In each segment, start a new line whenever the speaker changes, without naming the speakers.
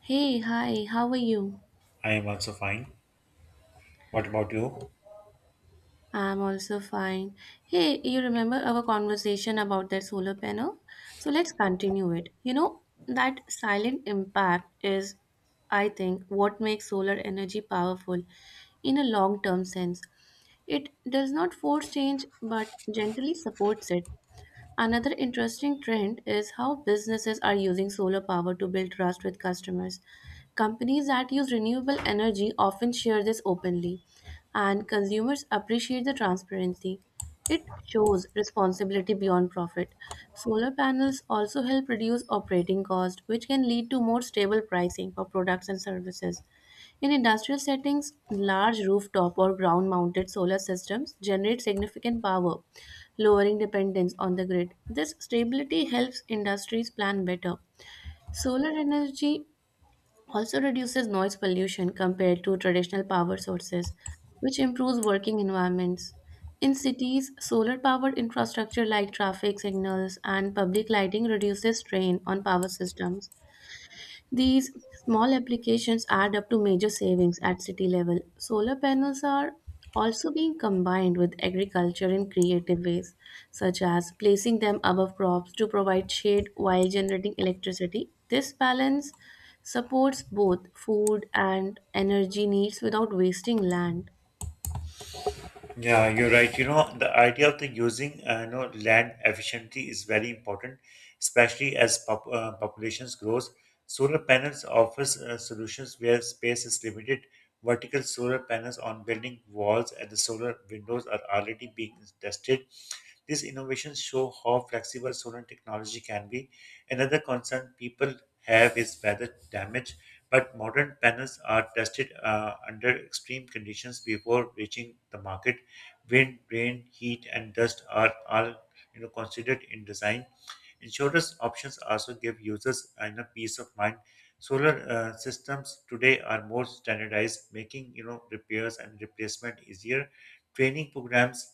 Hey, hi, how are you?
I am also fine. What about you?
I'm also fine. Hey, you remember our conversation about that solar panel? So let's continue it. You know, that silent impact is, I think, what makes solar energy powerful in a long term sense. It does not force change but gently supports it. Another interesting trend is how businesses are using solar power to build trust with customers. Companies that use renewable energy often share this openly, and consumers appreciate the transparency. It shows responsibility beyond profit. Solar panels also help reduce operating costs, which can lead to more stable pricing for products and services. In industrial settings, large rooftop or ground mounted solar systems generate significant power lowering dependence on the grid. This stability helps industries plan better. Solar energy also reduces noise pollution compared to traditional power sources, which improves working environments. In cities, solar powered infrastructure like traffic signals and public lighting reduces strain on power systems. These small applications add up to major savings at city level. Solar panels are also being combined with agriculture in creative ways, such as placing them above crops to provide shade while generating electricity. This balance supports both food and energy needs without wasting land.
Yeah, you're right. The idea of the using land efficiently is very important, especially as populations grows. Solar panels offers solutions where space is limited. Vertical solar panels on building walls and the solar windows are already being tested. These innovations show how flexible solar technology can be. Another concern people have is weather damage, but modern panels are tested under extreme conditions before reaching the market. Wind, rain, heat, and dust are all considered in design. Insurance options also give users peace of mind. Solar systems today are more standardized, making repairs and replacement easier. Training programs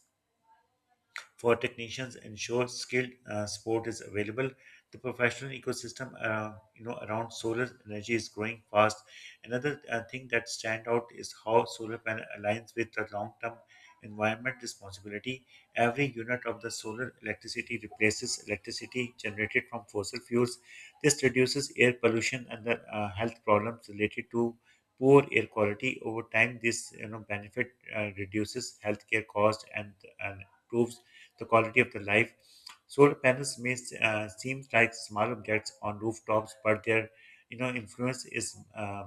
for technicians ensure skilled support is available. The professional ecosystem, around solar energy is growing fast. Another thing that stand out is how solar panel aligns with the long-term environment responsibility. Every unit of the solar electricity replaces electricity generated from fossil fuels. This reduces air pollution and the health problems related to poor air quality. Over time, this benefit reduces healthcare cost and improves the quality of the life. Solar panels may seem like small objects on rooftops, but their influence is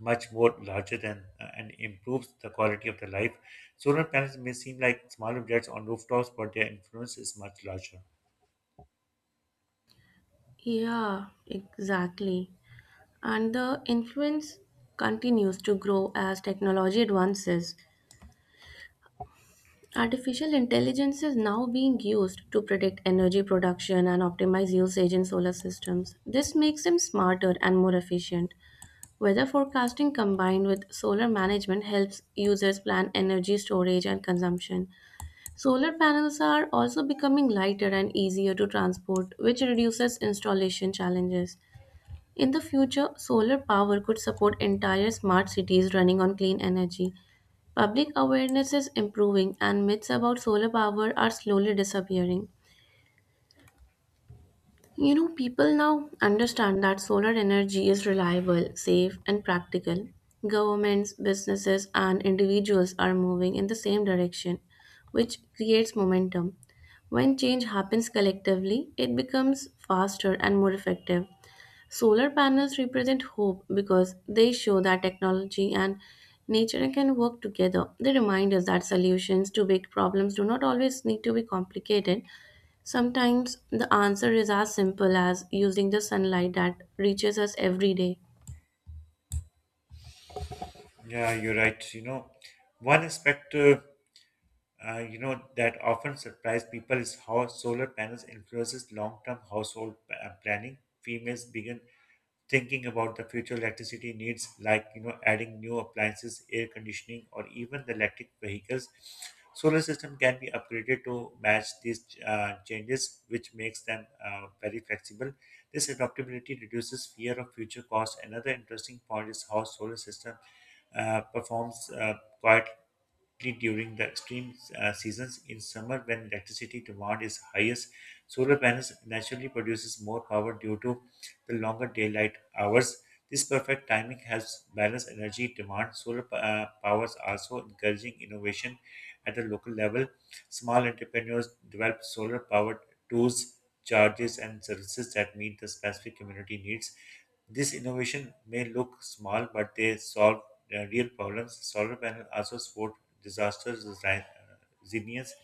much more larger than and improves the quality of the life. Solar panels may seem like small objects on rooftops, but their influence is much larger.
Yeah, exactly. And the influence continues to grow as technology advances. Artificial intelligence is now being used to predict energy production and optimize usage in solar systems. This makes them smarter and more efficient. Weather forecasting combined with solar management helps users plan energy storage and consumption. Solar panels are also becoming lighter and easier to transport, which reduces installation challenges. In the future, solar power could support entire smart cities running on clean energy. Public awareness is improving, and myths about solar power are slowly disappearing. You know, people now understand that solar energy is reliable, safe, and practical. Governments, businesses, and individuals are moving in the same direction, which creates momentum. When change happens collectively, it becomes faster and more effective. Solar panels represent hope because they show that technology and nature can work together. They remind us that solutions to big problems do not always need to be complicated. Sometimes the answer is as simple as using the sunlight that reaches us every day.
Yeah, you're right. One aspect. That often surprise people is how solar panels influences long-term household planning. Females begin thinking about the future electricity needs, like adding new appliances, air conditioning, or even the electric vehicles. Solar system can be upgraded to match these changes, which makes them very flexible. This adaptability reduces fear of future costs. Another interesting point is how solar system performs quietly during the extreme seasons in summer when electricity demand is highest. Solar panels naturally produces more power due to the longer daylight hours. This perfect timing helps balance energy demand. Solar powers also encouraging innovation at the local level. Small entrepreneurs develop solar powered tools, charges, and services that meet the specific community needs. This innovation may look small, but they solve real problems. Solar panels also support disaster resilience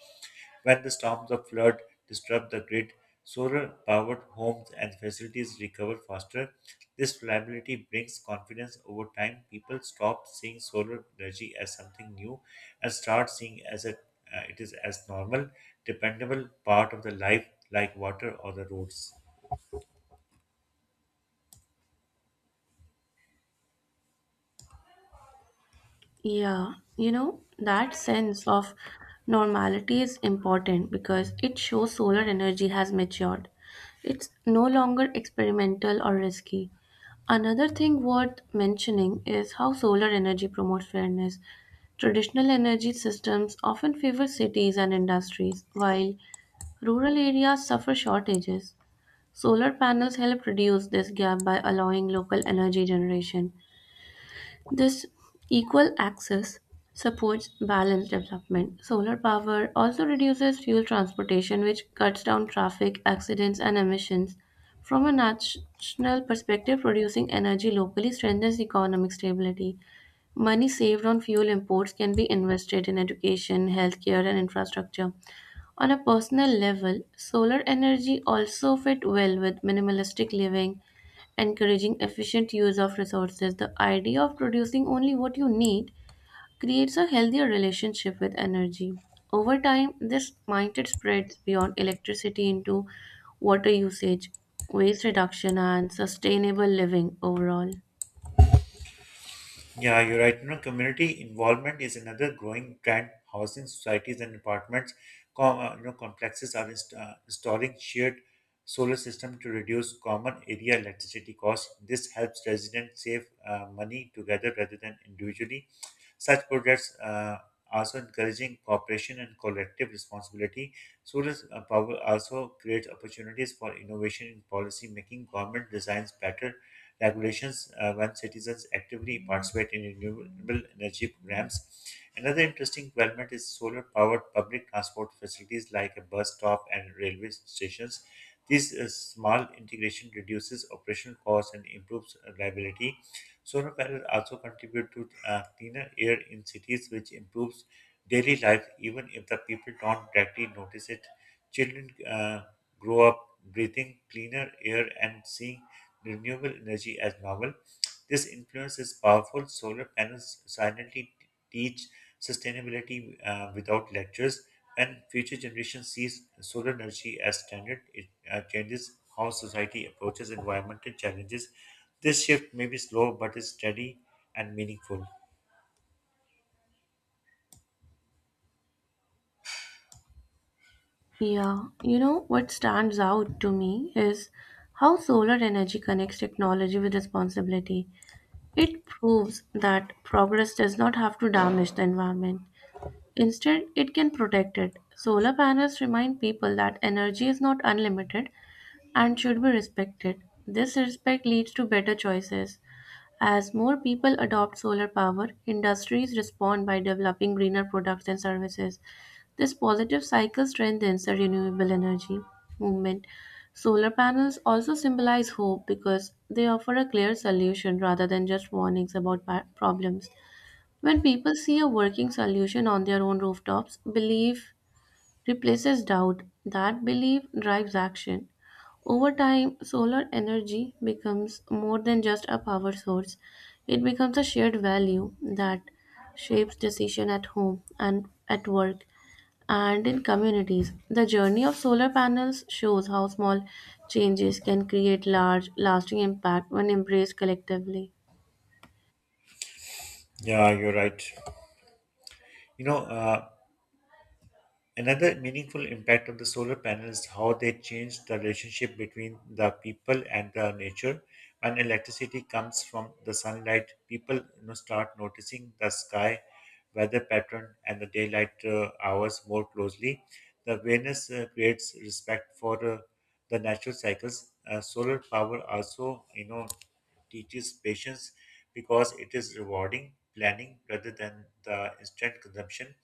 when the storms of flood disrupt the grid. Solar powered homes and facilities recover faster. This reliability brings confidence over time. People stop seeing solar energy as something new and start seeing as a it is as normal, dependable part of the life like water or the roads.
Yeah, you know, that sense of normality is important because it shows solar energy has matured. It's no longer experimental or risky. Another thing worth mentioning is how solar energy promotes fairness. Traditional energy systems often favor cities and industries, while rural areas suffer shortages. Solar panels help reduce this gap by allowing local energy generation this equal access supports balanced development. Solar power also reduces fuel transportation, which cuts down traffic, accidents, and emissions. From a national perspective, producing energy locally strengthens economic stability. Money saved on fuel imports can be invested in education, healthcare, and infrastructure. On a personal level, solar energy also fit well with minimalistic living encouraging efficient use of resources. The idea of producing only what you need creates a healthier relationship with energy. Over time, this mindset spreads beyond electricity into water usage, waste reduction, and sustainable living overall.
Yeah, you're right. Community involvement is another growing trend. Housing societies and apartments, complexes are installing shared solar system to reduce common area electricity costs. This helps residents save money together rather than individually. Such projects also encouraging cooperation and collective responsibility. Solar power also creates opportunities for innovation in policy making. Government designs better regulations when citizens actively participate in renewable energy programs. Another interesting development is solar powered public transport facilities like a bus stop and railway stations. This small integration reduces operational costs and improves reliability. Solar panels also contribute to cleaner air in cities, which improves daily life even if the people don't directly notice it. Children grow up breathing cleaner air and seeing renewable energy as normal. This influence is powerful. Solar panels silently teach sustainability without lectures, and future generations sees solar energy as standard. It changes how society approaches environmental challenges. This shift may be slow, but is steady and meaningful.
Yeah, you know what stands out to me is how solar energy connects technology with responsibility. It proves that progress does not have to damage the environment. Instead, it can protect it. Solar panels remind people that energy is not unlimited and should be respected. This respect leads to better choices. As more people adopt solar power, industries respond by developing greener products and services. This positive cycle strengthens the renewable energy movement. Solar panels also symbolize hope because they offer a clear solution rather than just warnings about problems. When people see a working solution on their own rooftops, belief replaces doubt. That belief drives action. Over time, solar energy becomes more than just a power source. It becomes a shared value that shapes decision at home and at work and in communities. The journey of solar panels shows how small changes can create large lasting impact when embraced collectively.
Yeah, you're right. You know, uh, another meaningful impact of the solar panels is how they change the relationship between the people and the nature. When electricity comes from the sunlight, people start noticing the sky, weather pattern, and the daylight hours more closely. The awareness creates respect for the natural cycles. Solar power also, teaches patience because it is rewarding planning rather than the instant consumption.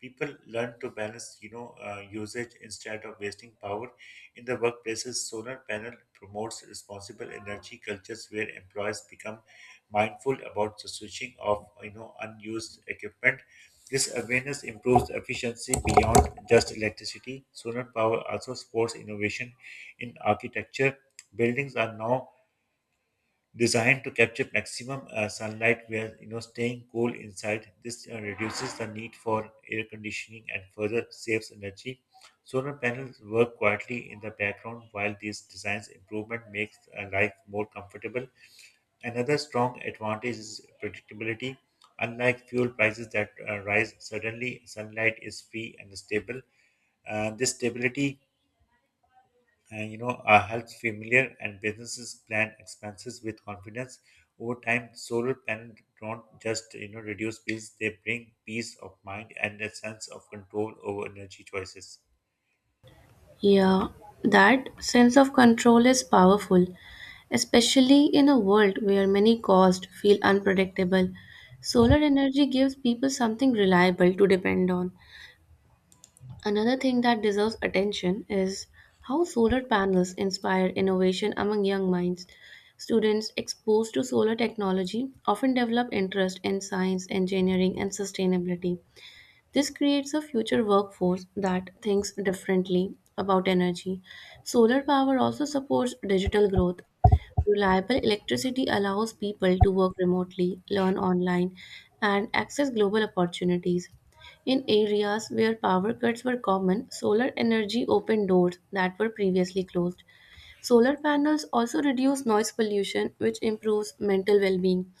People learn to balance usage instead of wasting power. In the workplaces, solar panel promotes responsible energy cultures where employees become mindful about the switching of unused equipment. This awareness improves efficiency beyond just electricity. Solar power also supports innovation in architecture. Buildings are now designed to capture maximum sunlight where staying cool inside. This reduces the need for air conditioning and further saves energy. Solar panels work quietly in the background while these designs improvement makes life more comfortable. Another strong advantage is predictability. Unlike fuel prices that rise suddenly, sunlight is free and stable. This stability and helps familiar and businesses plan expenses with confidence. Over time, solar panels don't just reduce bills, they bring peace of mind and a sense of control over energy choices.
Yeah, that sense of control is powerful, especially in a world where many costs feel unpredictable. Solar energy gives people something reliable to depend on. Another thing that deserves attention is how solar panels inspire innovation among young minds. Students exposed to solar technology often develop interest in science, engineering, and sustainability. This creates a future workforce that thinks differently about energy. Solar power also supports digital growth. Reliable electricity allows people to work remotely, learn online, and access global opportunities. In areas where power cuts were common, solar energy opened doors that were previously closed. Solar panels also reduce noise pollution, which improves mental well being.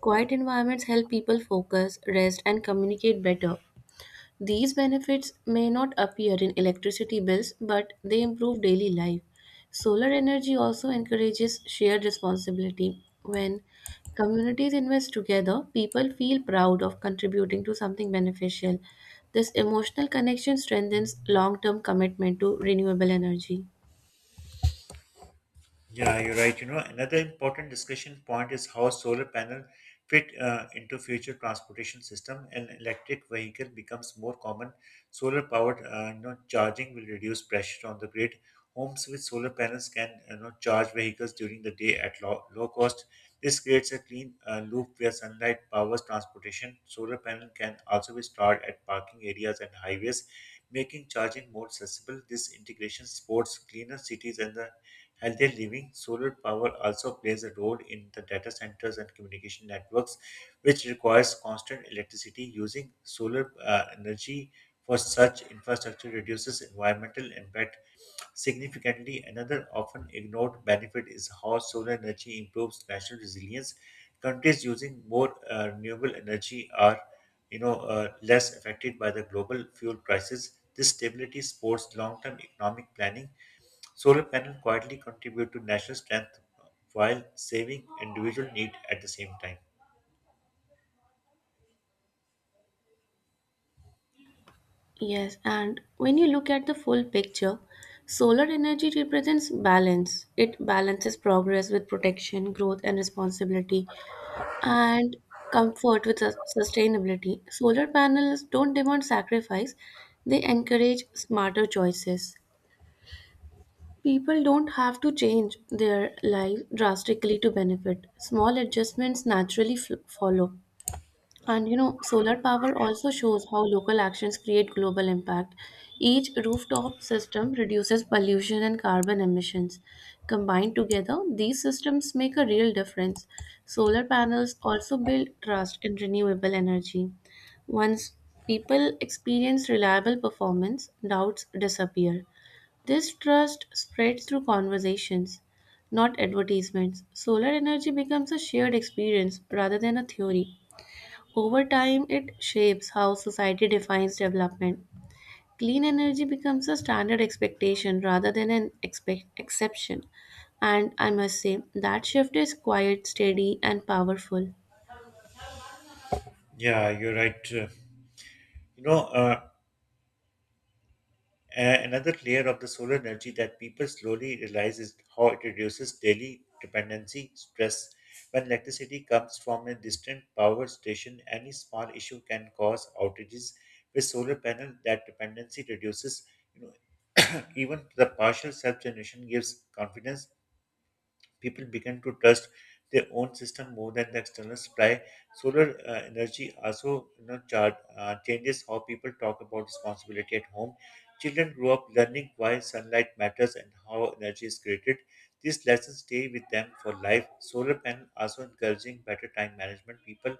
Quiet environments help people focus, rest, and communicate better. These benefits may not appear in electricity bills, but they improve daily life. Solar energy also encourages shared responsibility. When communities invest together, people feel proud of contributing to something beneficial. This emotional connection strengthens long term commitment to renewable energy.
Yeah, you're right. Another important discussion point is how solar panel fit into future transportation system and electric vehicle becomes more common. Solar powered, charging will reduce pressure on the grid. Homes with solar panels can, charge vehicles during the day at low cost. This creates a clean loop where sunlight powers transportation. Solar panel can also be stored at parking areas and highways, making charging more accessible. This integration supports cleaner cities and the healthier living. Solar power also plays a role in the data centers and communication networks, which requires constant electricity. Using solar energy for such infrastructure reduces environmental impact significantly. Another often ignored benefit is how solar energy improves national resilience. Countries using more renewable energy are, less affected by the global fuel crisis. This stability supports long-term economic planning. Solar panels quietly contribute to national strength while saving individual need at the same time.
Yes, and when you look at the full picture, solar energy represents balance. It balances progress with protection, growth, and responsibility, and comfort with sustainability. Solar panels don't demand sacrifice, they encourage smarter choices. People don't have to change their life drastically to benefit. Small adjustments naturally follow. And you know, solar power also shows how local actions create global impact. Each rooftop system reduces pollution and carbon emissions. Combined together, these systems make a real difference. Solar panels also build trust in renewable energy. Once people experience reliable performance, doubts disappear. This trust spreads through conversations, not advertisements. Solar energy becomes a shared experience rather than a theory. Over time, it shapes how society defines development. Clean energy becomes a standard expectation rather than an exception. And I must say, that shift is quiet, steady, and powerful.
Yeah, you're right. You know, uh, another layer of the solar energy that people slowly realize is how it reduces daily dependency stress. When electricity comes from a distant power station, any small issue can cause outages. With solar panel, that dependency reduces. You know, even the partial self generation gives confidence. People began to trust their own system more than the external supply. Solar energy also changes how people talk about responsibility at home. Children grow up learning why sunlight matters and how energy is created. These lessons stay with them for life. Solar panel also encouraging better time management. People,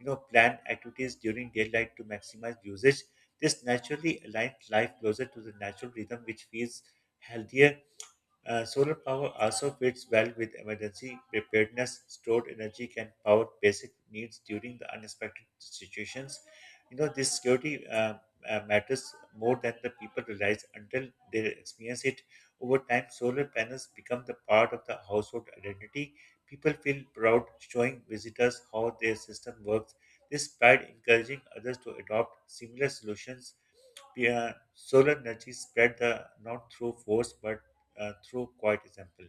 plan activities during daylight to maximize usage. This naturally aligns life closer to the natural rhythm, which feels healthier. Solar power also fits well with emergency preparedness. Stored energy can power basic needs during the unexpected situations. This security matters more than the people realize until they experience it. Over time, solar panels become the part of the household identity. People feel proud showing visitors how their system works. This pride encouraging others to adopt similar solutions. Yeah, solar energy spread the not through force but through quiet example.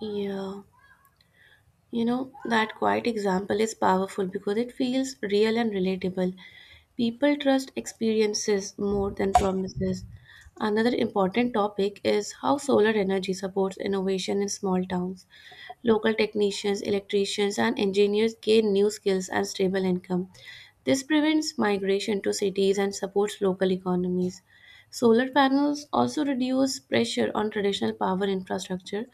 Yeah. You know, that quiet example is powerful because it feels real and relatable. People trust experiences more than promises. Another important topic is how solar energy supports innovation in small towns. Local technicians, electricians, and engineers gain new skills and stable income. This prevents migration to cities and supports local economies. Solar panels also reduce pressure on traditional power infrastructure,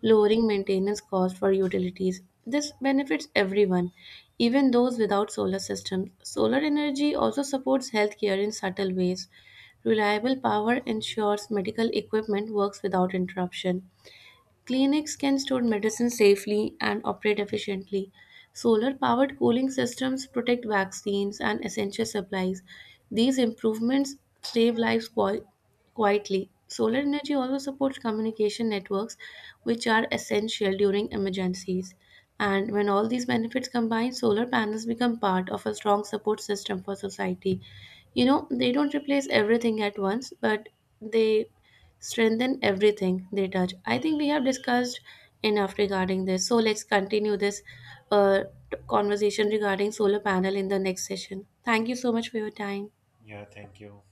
lowering maintenance costs for utilities. This benefits everyone, even those without solar systems. Solar energy also supports healthcare in subtle ways. Reliable power ensures medical equipment works without interruption. Clinics can store medicine safely and operate efficiently. Solar powered cooling systems protect vaccines and essential supplies. These improvements save lives quietly. Solar energy also supports communication networks, which are essential during emergencies. And when all these benefits combine, solar panels become part of a strong support system for society. You know, they don't replace everything at once, but they strengthen everything they touch. I think we have discussed enough regarding this. So let's continue this uh, conversation regarding solar panel in the next session. Thank you so much for your time.
Yeah, thank you.